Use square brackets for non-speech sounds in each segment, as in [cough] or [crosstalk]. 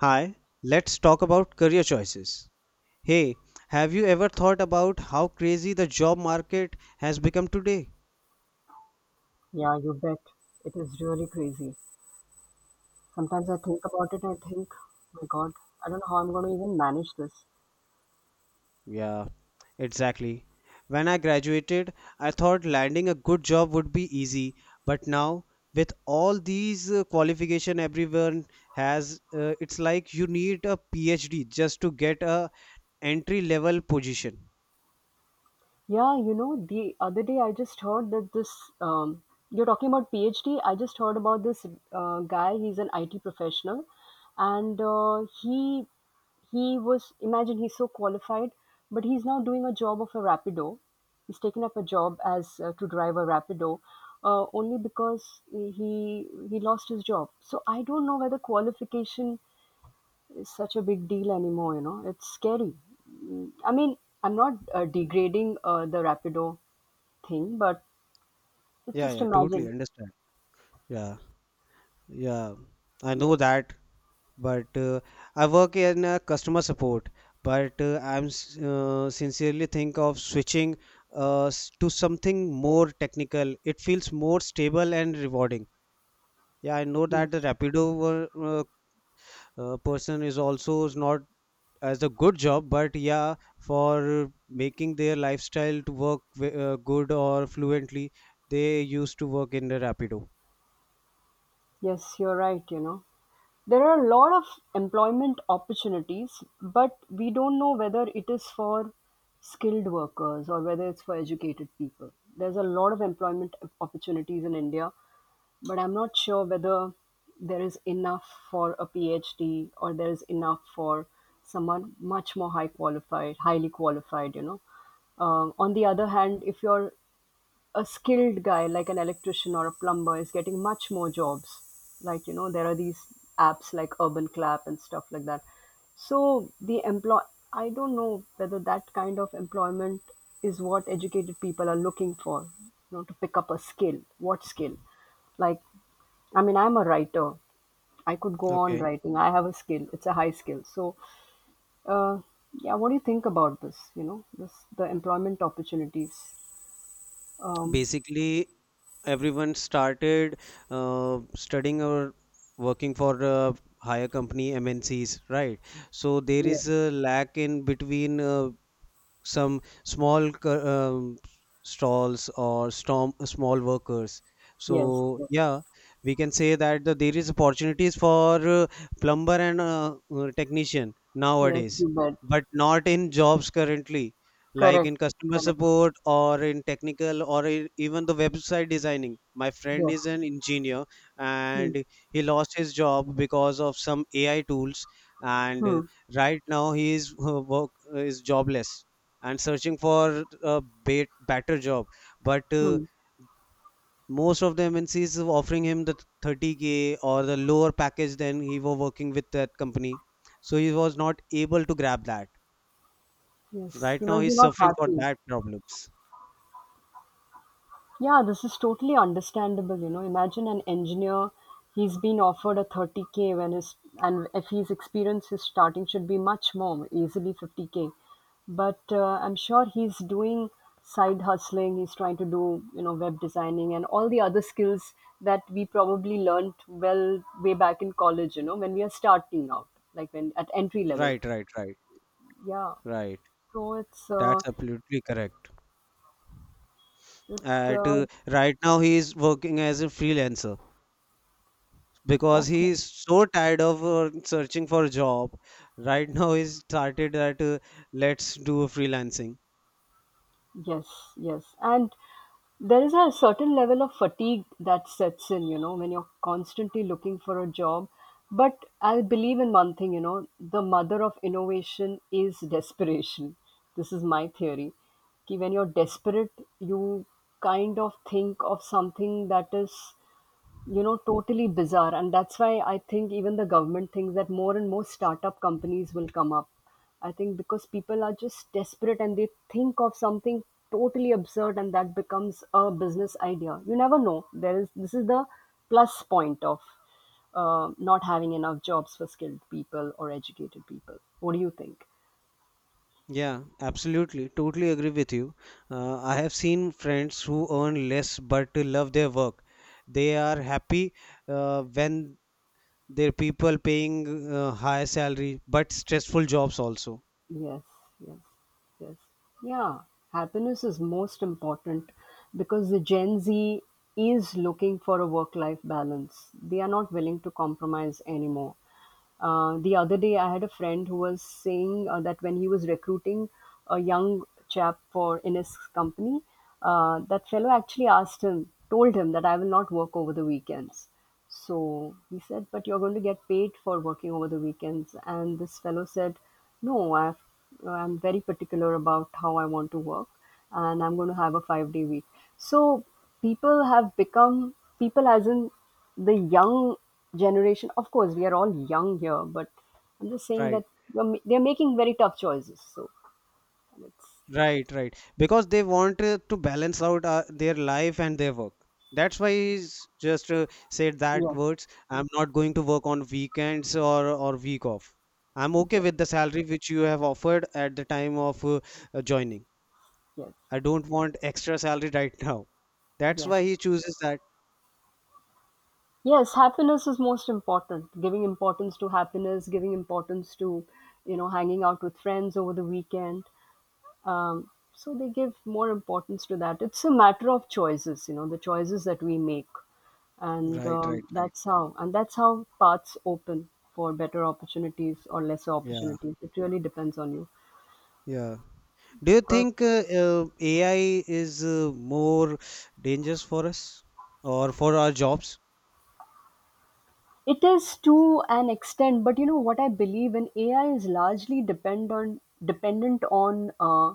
Hi, let's talk about career choices. Hey, have you ever thought about how crazy the job market has become today? Yeah, you bet. It is really crazy. Sometimes I think about it and I think, "Oh my God, I don't know how I'm going to even manage this. Yeah, exactly. When I graduated, I thought landing a good job would be easy, but now with all these qualification everyone has, it's like you need a PhD just to get a entry level position. Yeah, the other day I just heard that you're talking about PhD. I just heard about this guy. He's an IT professional, and uh, he was imagine he's so qualified, but he's now doing a job of a rapido. He's taken up a job as to drive a rapido, only because he lost his job. So I don't know whether qualification is such a big deal anymore. It's scary. I mean, I'm not degrading the Rapido thing, but it's Yeah, just yeah, totally imagine. understand. Yeah, yeah, I know that. But I work in customer support. But uh, sincerely think of switching to something more technical. It feels more stable and rewarding. Yeah, I know that the Yes. Rapido were, person is also is not as a good job, but yeah, for making their lifestyle to work good or fluently, they used to work in the Rapido. Yes, you're right. There are a lot of employment opportunities, but we don't know whether it is for skilled workers or whether it's for educated people. There's a lot of employment opportunities in India, but I'm not sure whether there is enough for a PhD or there is enough for someone much more high qualified, highly qualified. On the other hand, if you're a skilled guy like an electrician or a plumber is getting much more jobs. There are these apps like Urban Clap and stuff like that. So the employ I don't know whether that kind of employment is what educated people are looking for, to pick up a skill. What skill? Like I mean, I'm a writer. I could go on Okay. writing. I have a skill. It's a high skill. So, uh, yeah, what do you think about this? You know, this the employment opportunities. Um, Basically everyone started studying or working for higher company MNCs, right? So there yes, is a lack in between some small stalls or storm, small workers, yes, so yes, yeah, we can say that there is opportunities for plumber and technician yes. nowadays, You bet. but not in jobs currently like Correct, in customer correct. support or in technical, or in, even the website designing. My friend Yes. is an engineer Hmm. and he lost his job because of some AI tools, and Hmm. right now he is work is jobless and searching for a better job. But Hmm. most of the MNCs are offering him the 30K or the lower package than he was working with that company. So he was not able to grab that. Yes. Right He now must be he's not suffering for happy. that problems. Yeah, this is totally understandable. You know, imagine an engineer, he's been offered a 30K when his and if he's experienced, his starting should be much more, easily 50K. But I'm sure he's doing side hustling, he's trying to do, you know, web designing and all the other skills that we probably learned well way back in college, you know, when we are starting out, like when at entry level. Right, right, right, Yeah. right. So it's uh, That's absolutely correct. it's At uh, right now he is working as a freelancer because okay. he is so tired of searching for a job. Right now he started that, let's do a freelancing. Yes, yes. And there is a certain level of fatigue that sets in, you know, when you're constantly looking for a job. But I believe in one thing, you know, the mother of innovation is desperation. This is my theory. Ki when you're desperate, you kind of think of something that is, you know, totally bizarre, and that's why I think even the government thinks that more and more startup companies will come up. I think because people are just desperate and they think of something totally absurd and that becomes a business idea. You never know. There is this is the plus point of not having enough jobs for skilled people or educated people. What do you think? Yeah, absolutely. Totally agree with you. I have seen friends who earn less but love their work. They are happy when their people paying high salary but stressful jobs also. Yes, yes, yes. Yeah, happiness is most important because the Gen Z is looking for a work life balance. They are not willing to compromise anymore. The other day, I had a friend who was saying that when he was recruiting a young chap for in his company, that fellow actually asked him, told him that I will not work over the weekends. So he said, but you're going to get paid for working over the weekends. And this fellow said, no, I've, I'm very particular about how I want to work and I'm going to have a 5 day week. So people have become, people as in the young generation, of course we are all young here, but I'm just saying that Right, you're they're making very tough choices. So it's right, right. Because they want to balance out their life and their work. That's why he's just said that yes, words. I'm not going to work on weekends or week off. I'm okay yes, with the salary which you have offered at the time of joining. yes, I don't want extra salary right [laughs] now. That's yes, why he chooses that. yes. Happiness is most important. Giving importance to happiness, giving importance to, you know, hanging out with friends over the weekend. So they give more importance to that. It's a matter of choices, you know, the choices that we make. And Right, right, right. that's how, and that's how paths open for better opportunities or lesser Yeah, opportunities. It really depends on you. yeah. Do you But think AI is more dangerous for us or for our jobs? it is, to an extent, but you know what, I believe in AI is largely dependent on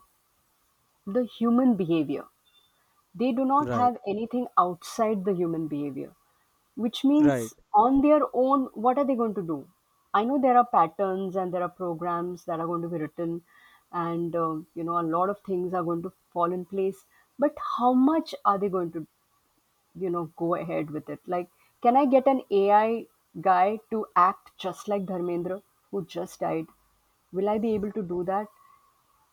the human behavior. They do not Right, have anything outside the human behavior, which right. means on their own, what are they going to do? I know there are patterns and there are programs that are going to be written, and you know, a lot of things are going to fall in place. But how much are they going to, you know, go ahead with it? Like, can I get an AI guy to act just like Dharmendra, who just died? Will I be able to do that?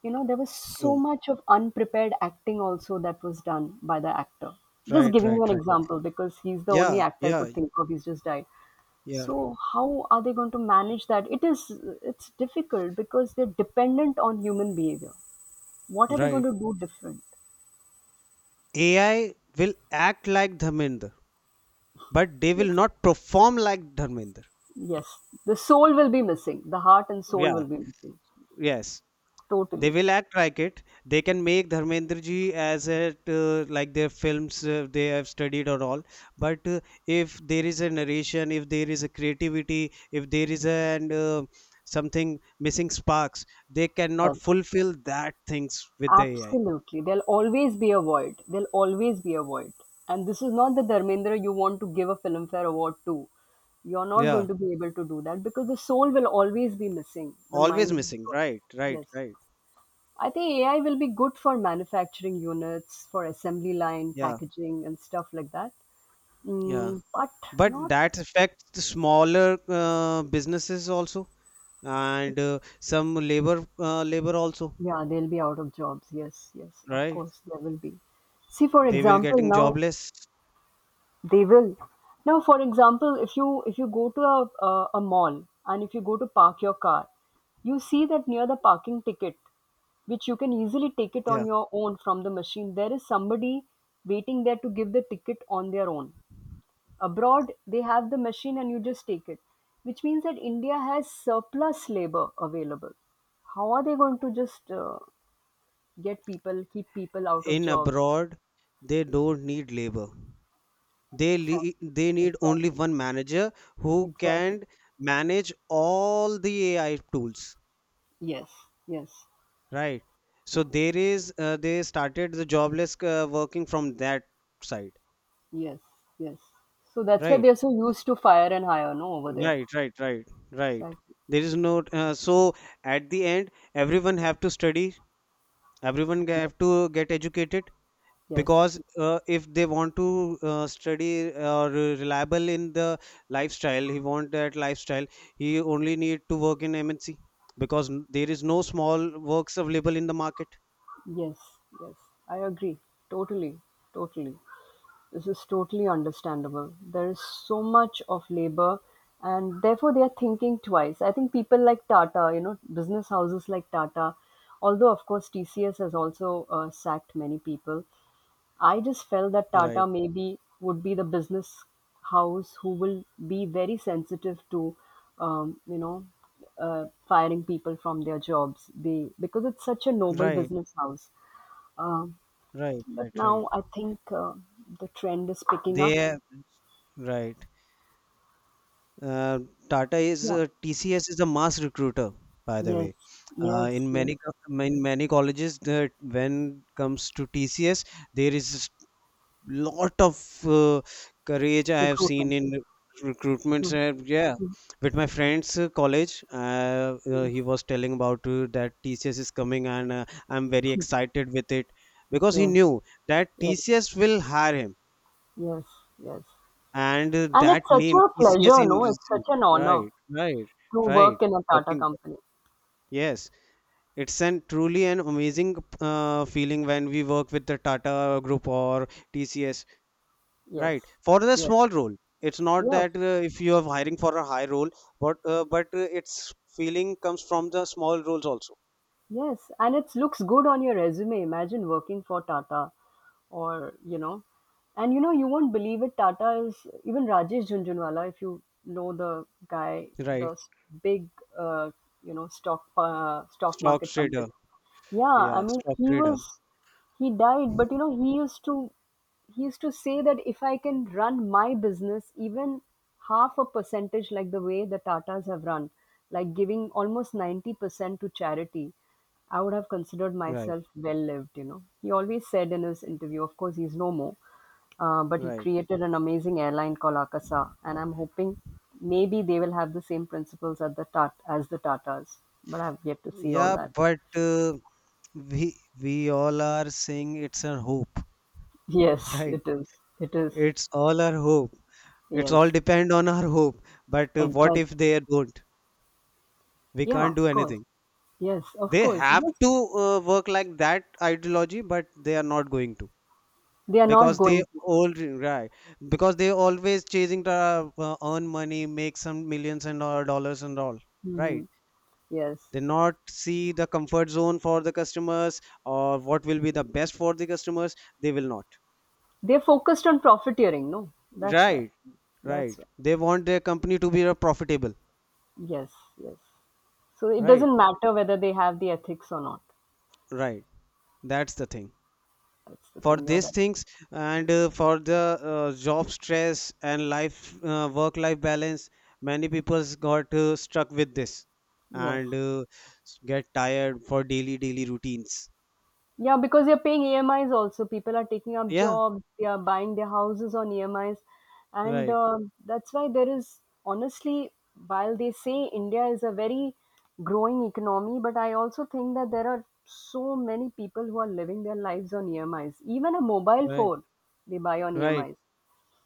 You know, there was so No, much of unprepared acting also that was done by the actor. Just right, giving you right, an right. example because he's the only Yeah, actor I yeah, could think of. He's just died. yeah. So how are they going to manage that? It is, it's difficult because they're dependent on human behavior. What are they Right. going to do different? AI will act like Dharmender, but they Yes, will not perform like Dharmender. yes. The soul will be missing. The heart and soul Yeah, will be missing. yes. They Totally. will act like it. They can make Dharmendra ji as it like their films they have studied or all. But if there is a narration, if there is a creativity, if there is a and something missing sparks, they cannot Yes. fulfill that things with the AI. Absolutely. There'll always be a void. There'll always be a void. And this is not the Dharmendra you want to give a Filmfare award to. You're not Yeah, going to be able to do that because the soul will always be missing. The always mind. missing. Right, right, Yes. right. I think AI will be good for manufacturing units, for assembly line, Yeah, packaging, and stuff like that. yeah. But But not, that affects the smaller businesses also, and some labor also. yeah, they'll be out of jobs. Yes, yes, of Right. course, there will be. See, for They will example, getting now jobless. They will. Now, for example, if you go to a mall and if you go to park your car, you see that near the parking ticket, which you can easily take it Yeah. on your own from the machine, there is somebody waiting there to give the ticket on their own. Abroad, they have the machine and you just take it, which means that India has surplus labor available. How are they going to just get people, keep people out of In jobs? abroad, they don't need labor. They Exactly. They need only Exactly. one manager who Exactly. can manage all the AI tools, Yes. Yes. right? So there is they started the jobless working from that side, Yes, yes. So that's why right? they're so used to fire and hire, no, over there. Right, right, right, right. Exactly. There is no so at the end everyone have to study, everyone have to get educated, Yes, because if they want to study or reliable in the lifestyle he want that lifestyle, he only need to work in mnc because there is no small works available in the market. yes, yes. I agree. Totally, totally. This is totally understandable. There is so much of labor, and therefore they are thinking twice. I think people like Tata, you know, business houses like Tata, although of course TCS has also sacked many people, I just felt that Right, Tata maybe would be the business house who will be very sensitive to, you know, firing people from their jobs. They because it's such a noble right, business house. Um, right, but right, right, now I think the trend is picking up. they right. uh, Tata is Yeah. TCS is a mass recruiter, by the way, Yes. uh, in Yes. Yes. many co- in many colleges, the when comes to TCS, there is lot of courage I have seen Recruitment. in recruitments. Mm. And yeah, with my friend's college, Yes. he was telling about that TCS is coming, and I'm very excited with it because he Yes. knew that Yes. TCS will hire him, Yes. Yes. and And it's that such name a TCS pleasure, in no? It's such an honor right, right, to work right. in a Tata Working. company. Yes, it's an truly an amazing feeling when we work with the Tata Group or TCS. Yes. Right. For the Yes. small role, it's not Yes, that if you are hiring for a high role, but its feeling comes from the small roles also. yes, and it looks good on your resume. Imagine working for Tata or, you know, and you know, you won't believe it. Tata is even Rajesh Jhunjhunwala, if you know the guy, Right. the big, uh, you know, stock Stock market trader. pundit. Yeah, I Yeah, mean stock he trader. was he died, but you know, he used to, he used to say that if I can run my business even half a percentage like the way the Tatas have run, like giving almost 90% to charity, I would have considered Right. myself well lived. You know, he always said in his interview, of course he's no more. But he Right. created an amazing airline called Akasa, and I'm hoping maybe they will have the same principles at the tat as the Tatas, but I've yet to see all Yeah, that. but uh, we all are saying it's a hope, [laughs] Yes, right? it is. It is. It's all our hope. It's all Yes, depend on our hope. But what if exactly. they don't? We Yeah, can't do of course. anything. Yes, of They course. have Yes, to work like that ideology, but they are not going to. they are not Because they going to. all right, because they always chasing to earn money, make some millions and all dollars and all, right? Hmm. Yes, They not see the comfort zone for the customers, or what will be the best for the customers, they will not, they're focused on profiteering. No, that's why. right, That's right. why. They want their company to be profitable. Yes, yes. So it Right, doesn't matter whether they have the ethics or not. right. That's the thing That's the for thing. You're these right. things, and for the job stress and life, work life balance. Many people got stuck with this, Yes. and get tired for daily routines. Yeah, because you're paying EMIs also. People are taking up Yeah, jobs, they are buying their houses on EMIs. And right, that's why there is, honestly, while they say India is a very growing economy, but I also think that there are so many people who are living their lives on EMIs. Even a mobile right, phone they buy on right, EMIs.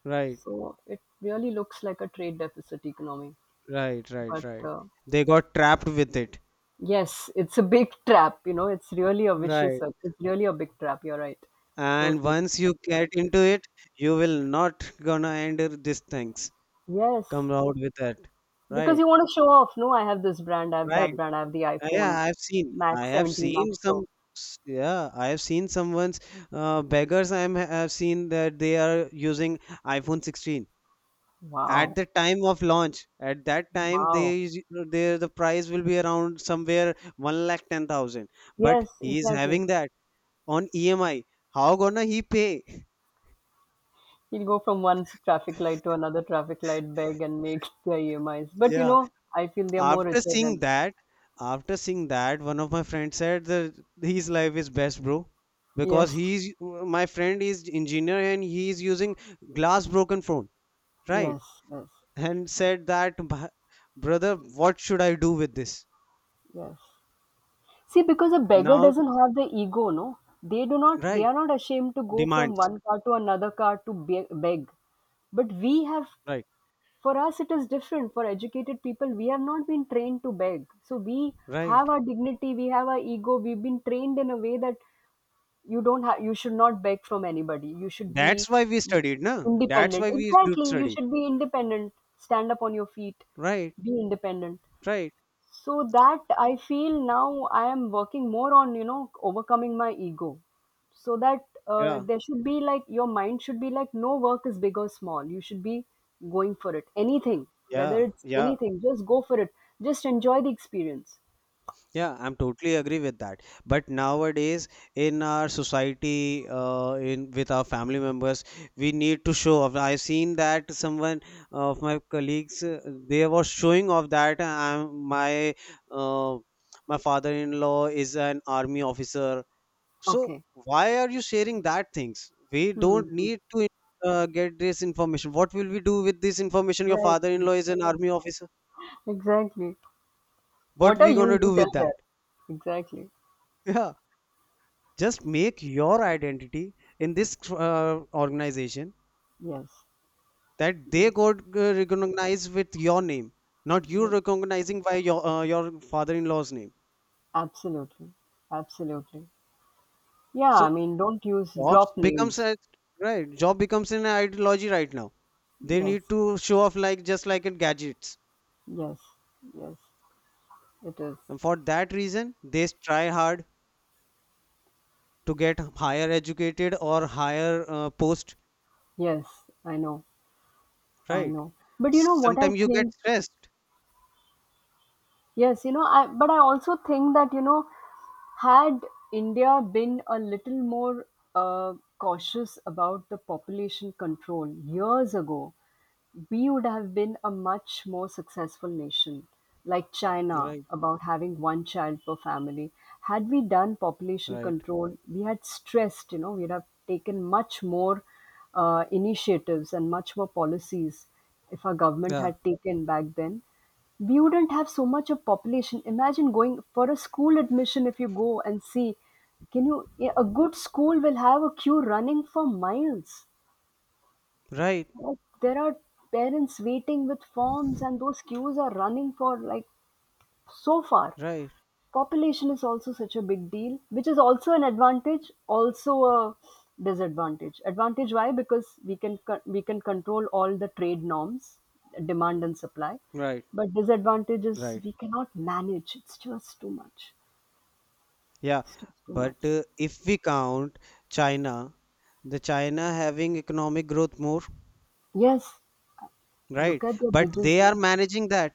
right, So it really looks like a trade deficit economy. right, right, But right, they got trapped with it. yes, it's a big [laughs] trap. You know, it's really a vicious Right, circle. It's really a big trap. You're right. and Totally. once you get into it, you will not gonna end this things, Yes, come out with that. because you Right, want to show off. No, I have this brand, I have right. that brand, I have the Yeah, iPhone I have seen. I Max have 17 seen Max some. Pro. Yeah, I have seen someone's beggars. I have seen that they are using iPhone 16 at Wow, the time of launch. At that time, wow. They, the price will be around somewhere one lakh 10,000. But Yes, he is exactly. having that on EMI. How gonna he pay? [laughs] He'll go from one traffic light to another traffic light, beg and make [laughs] their EMIs. But you Yeah. know, I feel they are more After richer seeing than. that, after seeing that, one of my friends said that his life is best, bro, because Yes, he's my friend is engineer and he is using glass broken phone, right? yes, yes, And said that, brother, what should I do with this yes. See, because a beggar now?" doesn't have the ego, no? They do not, they Right? are not ashamed to go from Demands, one car to another car to beg. But we have right? For us, it is different. For educated people, we have not been trained to beg. So we Right? have our dignity, we have our ego. We've been trained in a way that you don't have, you should not beg from anybody. You should That's be why we studied, no? That's independent. why we do Exactly, you study, should be independent. Stand up on your feet. right? Be independent. Right? So that I feel now I am working more on, overcoming my ego. So that Yeah, there should be like, your mind should be like, no work is big or small. You should be going for it. Anything, whether yeah, it's yeah. anything, just go for it. Just enjoy the experience. Yeah, I'm totally agree with that. But nowadays, in our society, in with our family members, we need to show off. I've seen that someone of my colleagues they were showing off that I'm my uh, my father-in-law is an army officer. So Okay. why are you sharing that things? We Hmm. don't need to get this information. What will we do with this information? Your Right. father-in-law is an army officer. Exactly. What What are we you? gonna do You tell with that? that. Exactly. [laughs] Just make your identity in this organization, Yes. that they Yes. got recognized with your name, not you Yes. recognizing by your father-in-law's name. Absolutely. Absolutely. Yeah. I So mean, don't use jobs drop becomes names. a right, job becomes an ideology right now. They Yes. need to show off, like just like in gadgets, Yes, yes, it is. and for that reason they try hard to get higher educated or higher post, Yes, I know, I right? know. But you know what I Sometimes you get think? stressed. Yes, I but I also think that, had India been a little more cautious about the population control years ago, we would have been a much more successful nation, like China, Right, about having one child per family. Had we done population right. control, we had stressed, we'd have taken much more initiatives and much more policies if our government Yeah, had taken back then. We wouldn't have so much of population. Imagine going for a school admission if you go and see, can you, a good school will have a queue running for miles, right, like, there are parents waiting with forms and those queues are running for like so far. right, Population is also such a big deal, which is also an advantage, also a disadvantage. Advantage, why? Because we can we can control all the trade norms, demand and supply. right. But disadvantage is, Right. we cannot manage. It's just too much. Yeah. It's just too But much. If we count China, the China having economic growth more, Yes, look right? at the But bridges they are now. managing that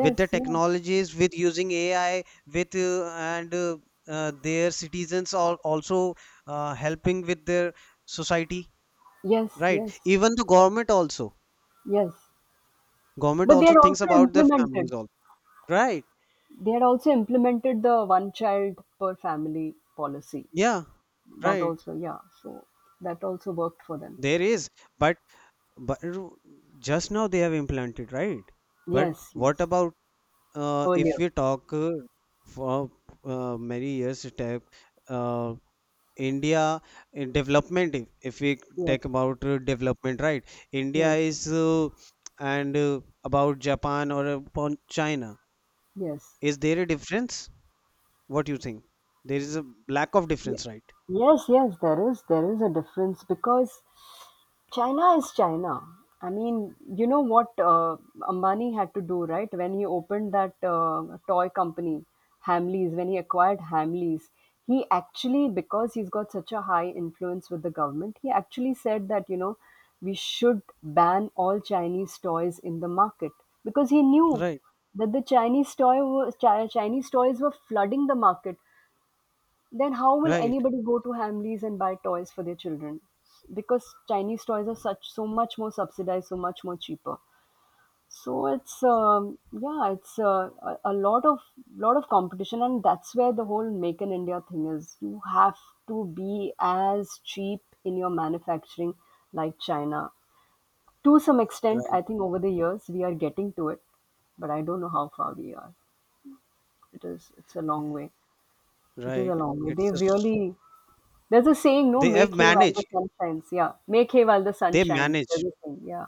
with the yeah. technologies, with using AI, with and their citizens are also helping with their society, Yes, right? yes, Even the yes. government But also they're thinks also about their families implemented. also, right? They had also implemented the one child per family policy. Yeah, That right. also, yeah. So that also worked for them. There is, but but just now they have implanted, right? But Yes, what yes. about if Earlier. we talk for many years back, uh, India in development. If we talk Yes, about development, right? India yes, is and about Japan or upon China. yes. Is there a difference? What do you think? There is a lack of Ye- difference, right? Yes, yes, there is a difference because China is China. I mean, you know what Ambani had to do, right? When he opened that toy company, Hamleys, when he acquired Hamleys, he actually, because he's got such a high influence with the government, he actually said that, we should ban all Chinese toys in the market because he knew Right, that the Chinese toy was, Chinese toys were flooding the market. Then how will right, anybody go to Hamleys and buy toys for their children? Because Chinese toys are such so much more subsidized, so much more cheaper. So it's yeah, it's a lot of competition, and that's where the whole make in India thing is. You have to be as cheap in your manufacturing like China. To some extent, right, I think over the years we are getting to it, but I don't know how far we are. It's a long way. It is a right. long way. It's a, They've really There's a saying, no, they have make hay while managed. the sun shines. Yeah, make hay while the sun They shines. managed. There's a saying, yeah.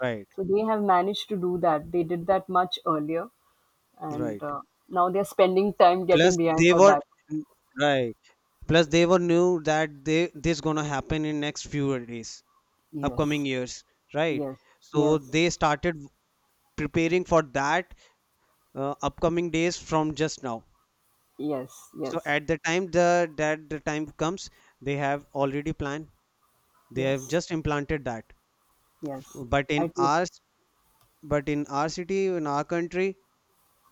Right, So they have managed to do that. They did that much earlier, and right. Now they're spending time getting Plus, behind they her were back. right. Plus, they were knew that they this gonna happen in next few days, upcoming Yes, years, right? yes, So yes, they started preparing for that upcoming days from just now. yes, So yes, at the time the that the time comes, they have already planned. They have yes, just implanted that. yes. But in I do. our but in our city, in our country,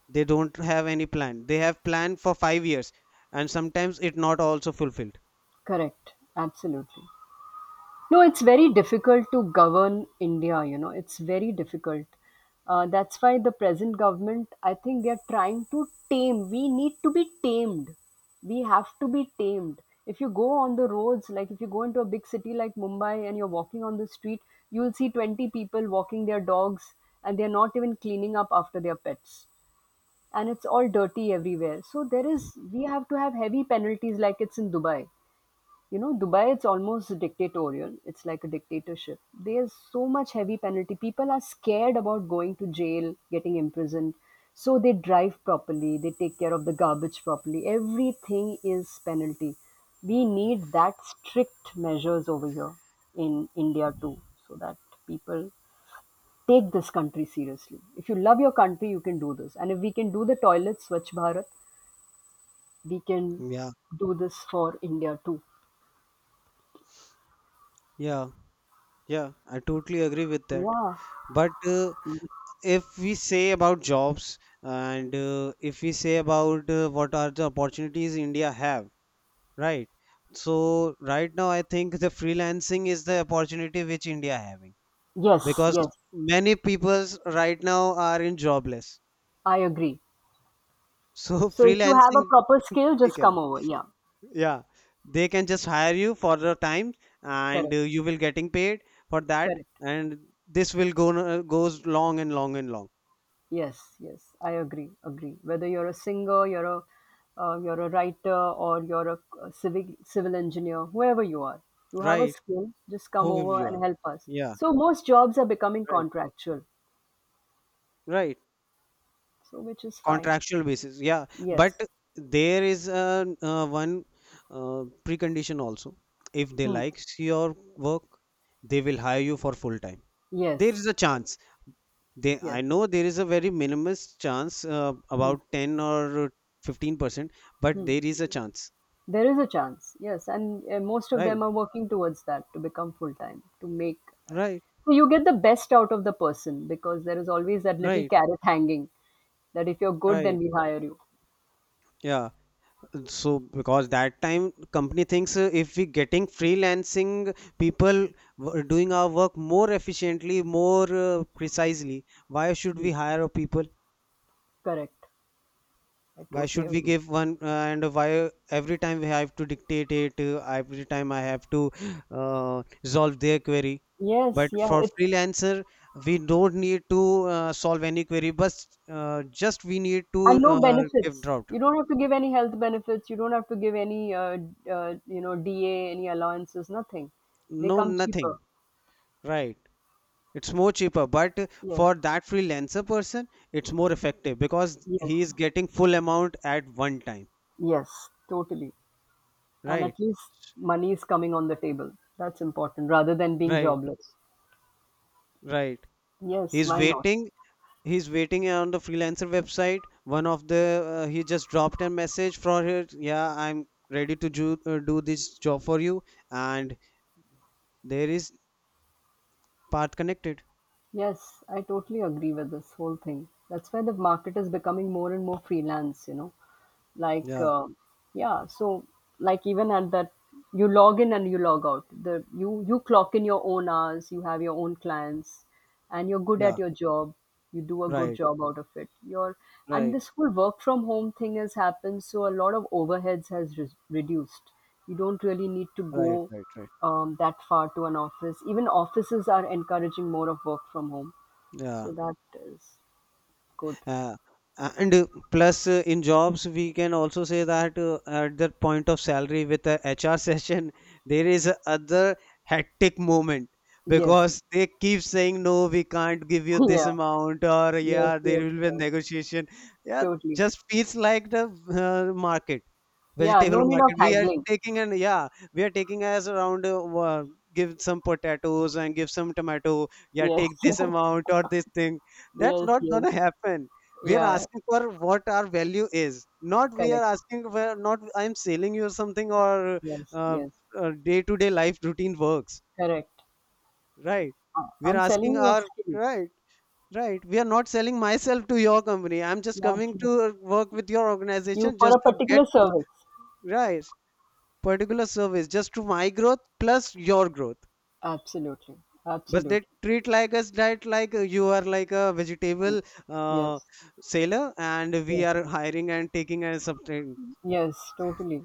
they don't have any plan. They have planned for 5 years, and sometimes it not also fulfilled. Correct. Absolutely. No, it's very difficult to govern India, you know, it's very difficult. That's why the present government, I think they're trying to tame. We need to be tamed. We have to be tamed. If you go on the roads, like if you go into a big city like Mumbai and you're walking on the street, you'll see 20 people walking their dogs and they're not even cleaning up after their pets. And it's all dirty everywhere. So there is, we have to have heavy penalties, like it's in Dubai. You know, Dubai, it's almost dictatorial. It's like a dictatorship. There's so much heavy penalty. People are scared about going to jail, getting imprisoned. So they drive properly, they take care of the garbage properly. Everything is penalty. We need that strict measures over here in India too, so that people take this country seriously. If you love your country, you can do this. And if we can do the toilets, Swachh Bharat, we can Yeah, do this for India too. yeah, yeah. I totally agree with that. Yeah. But if we say about jobs, and if we say about what are the opportunities india have, right? So right now I think the freelancing is the opportunity which india having, Yes, because yes. many peoples right now are in jobless. I agree. So [laughs] So if you have a freelancing, proper skill, they just can, come over. Yeah, yeah, they can just hire you for the time, and correct, you will getting paid for that, correct. and this will go goes long and long and long, Yes, yes, I agree, agree. Whether you're a singer, you're a writer, or you're a civic civil engineer, whoever you are, you have a right, skill. Just come who over you are, and help us. yeah, So most jobs are becoming right. contractual, Right, so which is fine. contractual basis. Yeah, Yes, but there is one precondition also. If they hmm. likes your work, they will hire you for full time. Yes, There is a chance. Yes. I know there is a very minimalist chance, Hmm. about 10 or 15%, but Hmm. there is a chance. There is a chance. Yes, and most of Right, them are working towards that to become full time, to make right, So you get the best out of the person because there is always that little right, carrot hanging that if you're good, then right. we hire you. Yeah. So because that time company thinks if we getting freelancing people doing our work more efficiently, more precisely, why should we Yes. hire a people? Correct. I Why totally should we agree. give one, and why every time we have to dictate it, every time I have to resolve their query? Yes, But yeah. for It's freelancer we don't need to solve any query, but just we need to And no give benefits. drought. You don't have to give any health benefits. You don't have to give any, DA, any allowances, nothing. They No, come cheaper. nothing. Right. It's more cheaper, but Yes, for that freelancer person, it's more effective because yes, he is getting full amount at one time. yes, totally. And Right. at least money is coming on the table. That's important rather than being Right, jobless. right. Yes, He's why not? waiting. He's waiting on the freelancer website. One of the He just dropped a message for her. Yeah, I'm ready to do this job for you. And there is part connected. Yes, I totally agree with this whole thing. That's why the market is becoming more and more freelance, like Yeah, yeah, so like, even at that, you log in and you log out, the you you clock in your own hours, you have your own clients, and you're good yeah. at your job, you do a good Right, job out of it. And right, this whole work from home thing has happened, so a lot of overheads has reduced. You don't really need to right, go right, right. That far to an office. Even offices are encouraging more of work from home, Yeah. so that is good. Uh, and plus, in jobs, we can also say that at the point of salary with the HR session, [laughs] there is a other hectic moment Yes. because they keep saying, no, we can't give you [laughs] this Yeah, amount, or yes, yeah, there yes, will be a yes. negotiation. Yeah, Totally. just feels like the market, Yeah, vegetable no need of market. We are haggling. taking and, yeah, we are taking as around give some potatoes and give some tomato. Yeah, Yes, take this [laughs] amount or this thing. That's yes, not yes. gonna happen. We are Yeah, asking for what our value is, not we are correct. asking for. Not I'm selling you something, or Yes, uh, yes, day-to-day life routine works. correct. Right, we are I'm selling asking you a our. skill. Right, right. We are not selling myself to your company. I'm just Yeah, coming absolutely. to work with your You organization for just a to get. particular service. Right, particular service, just to my growth plus your growth. Absolutely, But they absolutely. treat like us that, like, you are like a vegetable, uh, Yes, sailor, and we yes, are hiring and taking and something. yes, totally.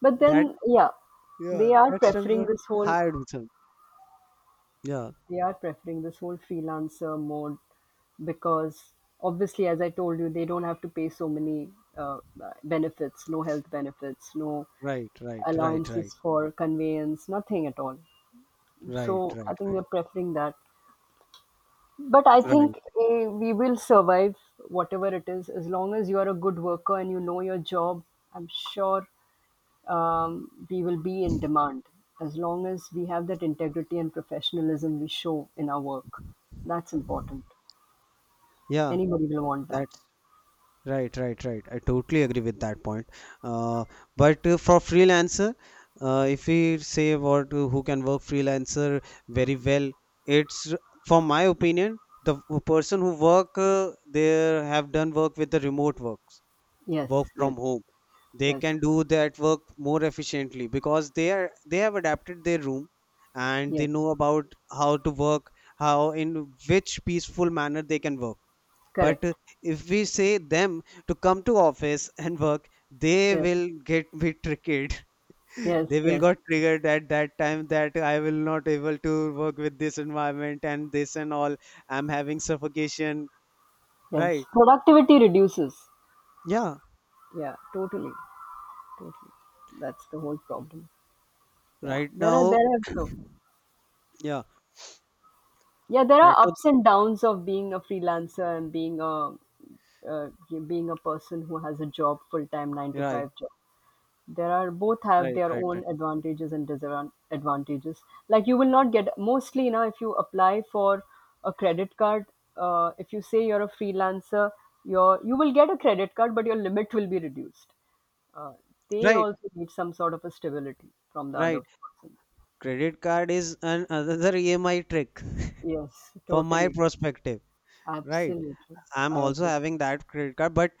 But That. then, yeah, Yeah, they are that's time preferring for this whole hired with him. Yeah, they are preferring this whole freelancer mode because obviously, as I told you, they don't have to pay so many uh, benefits, no health benefits, no right, right, right, allowances right, for conveyance, nothing at all. right, So right, I think we're right, preferring that. But I right. think we will survive whatever it is as long as you are a good worker and you know your job. I'm sure we will be in demand as long as we have that integrity and professionalism we show in our work. That's important. Yeah, Anybody will want that. that's right, right, right. I totally agree with that point. Uh, but for freelancer, if we say about who can work freelancer very well, it's, from my opinion, the person who work, they have done work with the remote works, Yes, work yes, from home. They yes, can do that work more efficiently because they have adapted their room and they yes. know about how to work, how, in which peaceful manner they can work. But Correct. if we say them to come to office [laughs] and work, they Yes, will get bit triggered. [laughs] yes, They will yes, got triggered at that time that I will not able to work with this environment and this and all. I'm having suffocation. yes. Right. Productivity reduces. Yeah. Yeah, totally. Totally. That's the whole problem. Yeah. Right There are now. there are so, Yeah. yeah, there Right are now. ups and downs of being a freelancer and being a uh, person who has a job, full time 9 to Right. 5 job. There are both have Right, their right, own right. advantages and disadvantages. Like you will not get mostly, if you apply for a credit card, if you say you're a freelancer, you will get a credit card but your limit will be reduced. Uh, they Right, also need some sort of a stability from the other right. person. Credit card is an another EMI trick, Yes, [laughs] from my totally. perspective. Right. Absolutely. I'm I also agree. having that credit card, but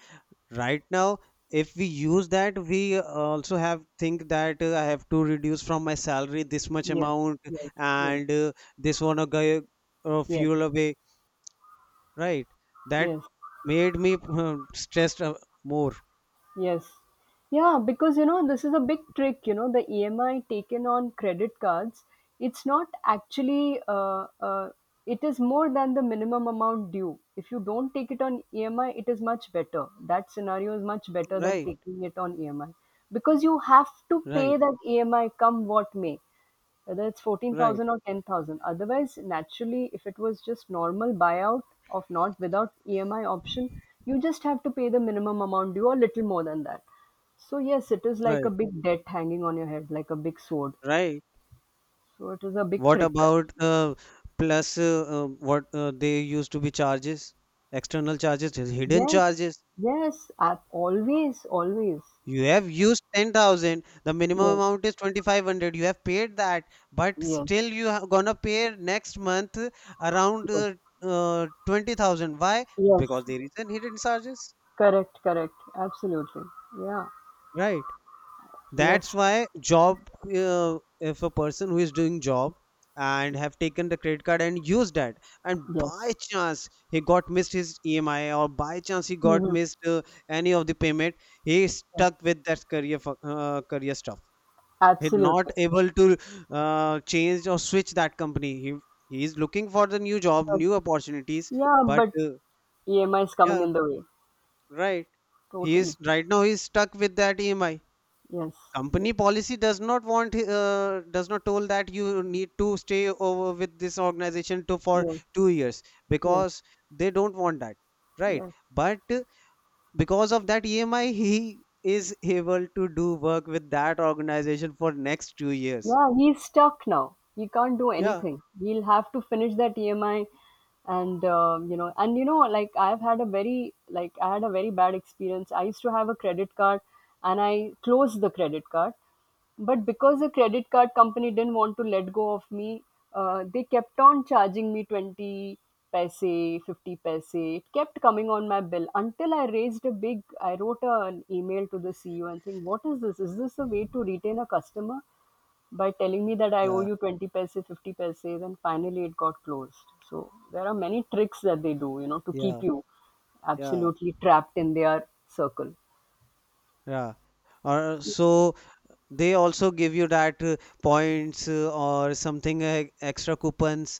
right now, if we use that, we also have think that, I have to reduce from my salary this much Yes, amount, yes, yes, and this one a guy, yes, fuel away. Right. That yes, made me stressed, more. yes. Yeah, because this is a big trick, the EMI taken on credit cards, it's not actually, it is more than the minimum amount due. If you don't take it on EMI, it is much better. That scenario is much better than Right, taking it on EMI because you have to right, pay that EMI come what may, whether it's right, 14,000 or 10,000. Otherwise, naturally, if it was just normal buyout of not without EMI option, you just have to pay the minimum amount due or little more than that. So, yes, it is like a right, big debt hanging on your head, like a big sword. right. So, it is a big What trick. about, plus, what, they used to be charges, external charges, hidden Yes, charges? yes, always, always. You have used 10,000, the minimum Yes, amount is 2,500. You have paid that, but yes, still you are gonna pay next month around, yes, 20,000. Why? yes. Because there is an hidden charges, Correct, correct. Absolutely. Yeah, right? That's yes, why job, if a person who is doing job and have taken the credit card and used that, and yes. by chance he got missed his EMI, or by chance he got Hmm. missed any of the payment, he is stuck with that career stuff. He's not Absolutely. able to change or switch that company. He is looking for the new job, Yeah, new opportunities. yeah, But but EMI is coming yeah, in the way. right, he is Totally. right now, he is stuck with that EMI. Yes. Yes. Company policy does not want, does not told, that you need to stay over with this organization to for Yes. 2 years, Yes. because they don't want that, right? Yes. But because of that EMI, he is able to do work with that organization for next 2 years. Yeah, he's stuck now. He can't do Yeah, anything. He'll have to finish that EMI, and like I had a very bad experience. I used to have a credit card, and I closed the credit card, but because the credit card company didn't want to let go of me, they kept on charging me 20 paise, 50 paise. It kept coming on my bill until I raised a big. I wrote an email to the CEO and saying, "What is this? Is this a way to retain a customer?" By telling me that I owe yeah, you 20 paise, 50 paise, and finally it got closed. So there are many tricks that they do, to keep yeah, you yeah, absolutely trapped in their circle. yeah. Or so they also give you that, points, or something, extra coupons,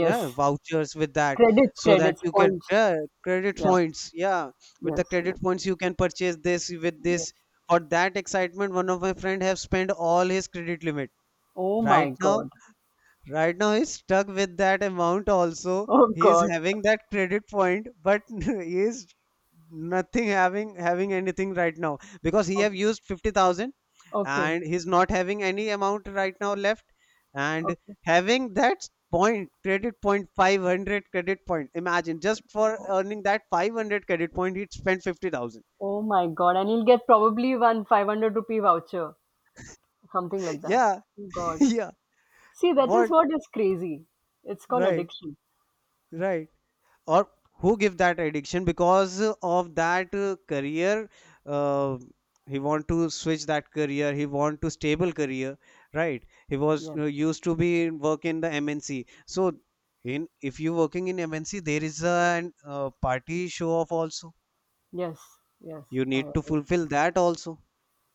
yeah, vouchers with that, Credits, so that credits, you can, points. yeah, credit Yeah. points, yeah. With the Yes. credit Yes. points you can purchase this with Yes. this. For that excitement, one of my friend have spent all his credit limit. Oh my Right now, God. right now he's stuck with that amount also. Oh He is God. having that credit point, but [laughs] he is nothing having anything right now because he O- have used 50,000 Okay. and he's not having any amount right now left. And Okay. having that point, credit point 500 credit point. Imagine, just for earning that 500 credit point, he'd spend 50,000. Oh my God. And he'll get probably one 500 rupee voucher, something like [laughs] that. Yeah. Oh [laughs] God. Yeah. See, that is What? what is crazy. It's called Right, addiction. right. Or who give that addiction? Because of that career, uh, he want to switch that career, he want to stable career. Right. He was, Yes. used to be work in the MNC. So in if you working in mnc, there is a party show off also, Yes, yes, you I need to agree. fulfill that also.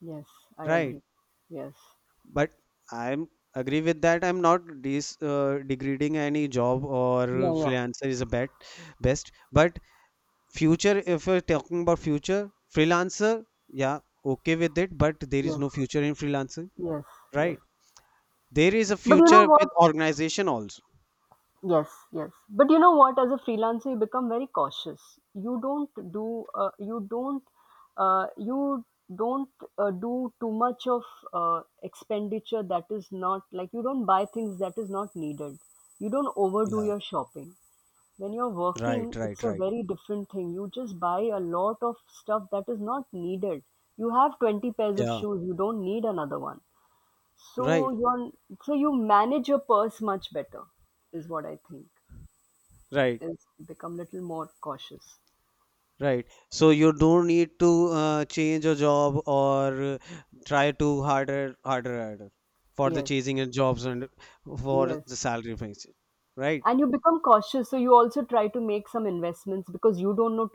Yes, I Right, agree. Yes. but I'm agree with that. I'm not degrading any job, or Yeah, yeah. freelancer is a bet best, but. Future, if we're talking about future, freelancer, yeah, okay with it, but there is Yes, no future in freelancing, yes, yes. right? There is a But you know future with what? organization also. Yes, yes. But you know what? As a freelancer, you become very cautious. You don't uh, you don't do too much of expenditure that is not, like, you don't buy things that is not needed. You don't overdo Yeah, your shopping. When you're working, right, it's right, a right. very different thing, you just buy a lot of stuff that is not needed. You have 20 pairs of Yeah, shoes, you don't need another one. So right, you're you manage your purse much better is what I think, right, is become little more cautious. right. So you don't need to change your job or try to harder, harder, harder for the Yes, chasing and jobs and for yes, the salary things, right? and you become cautious so you also try to make some investments because you don't know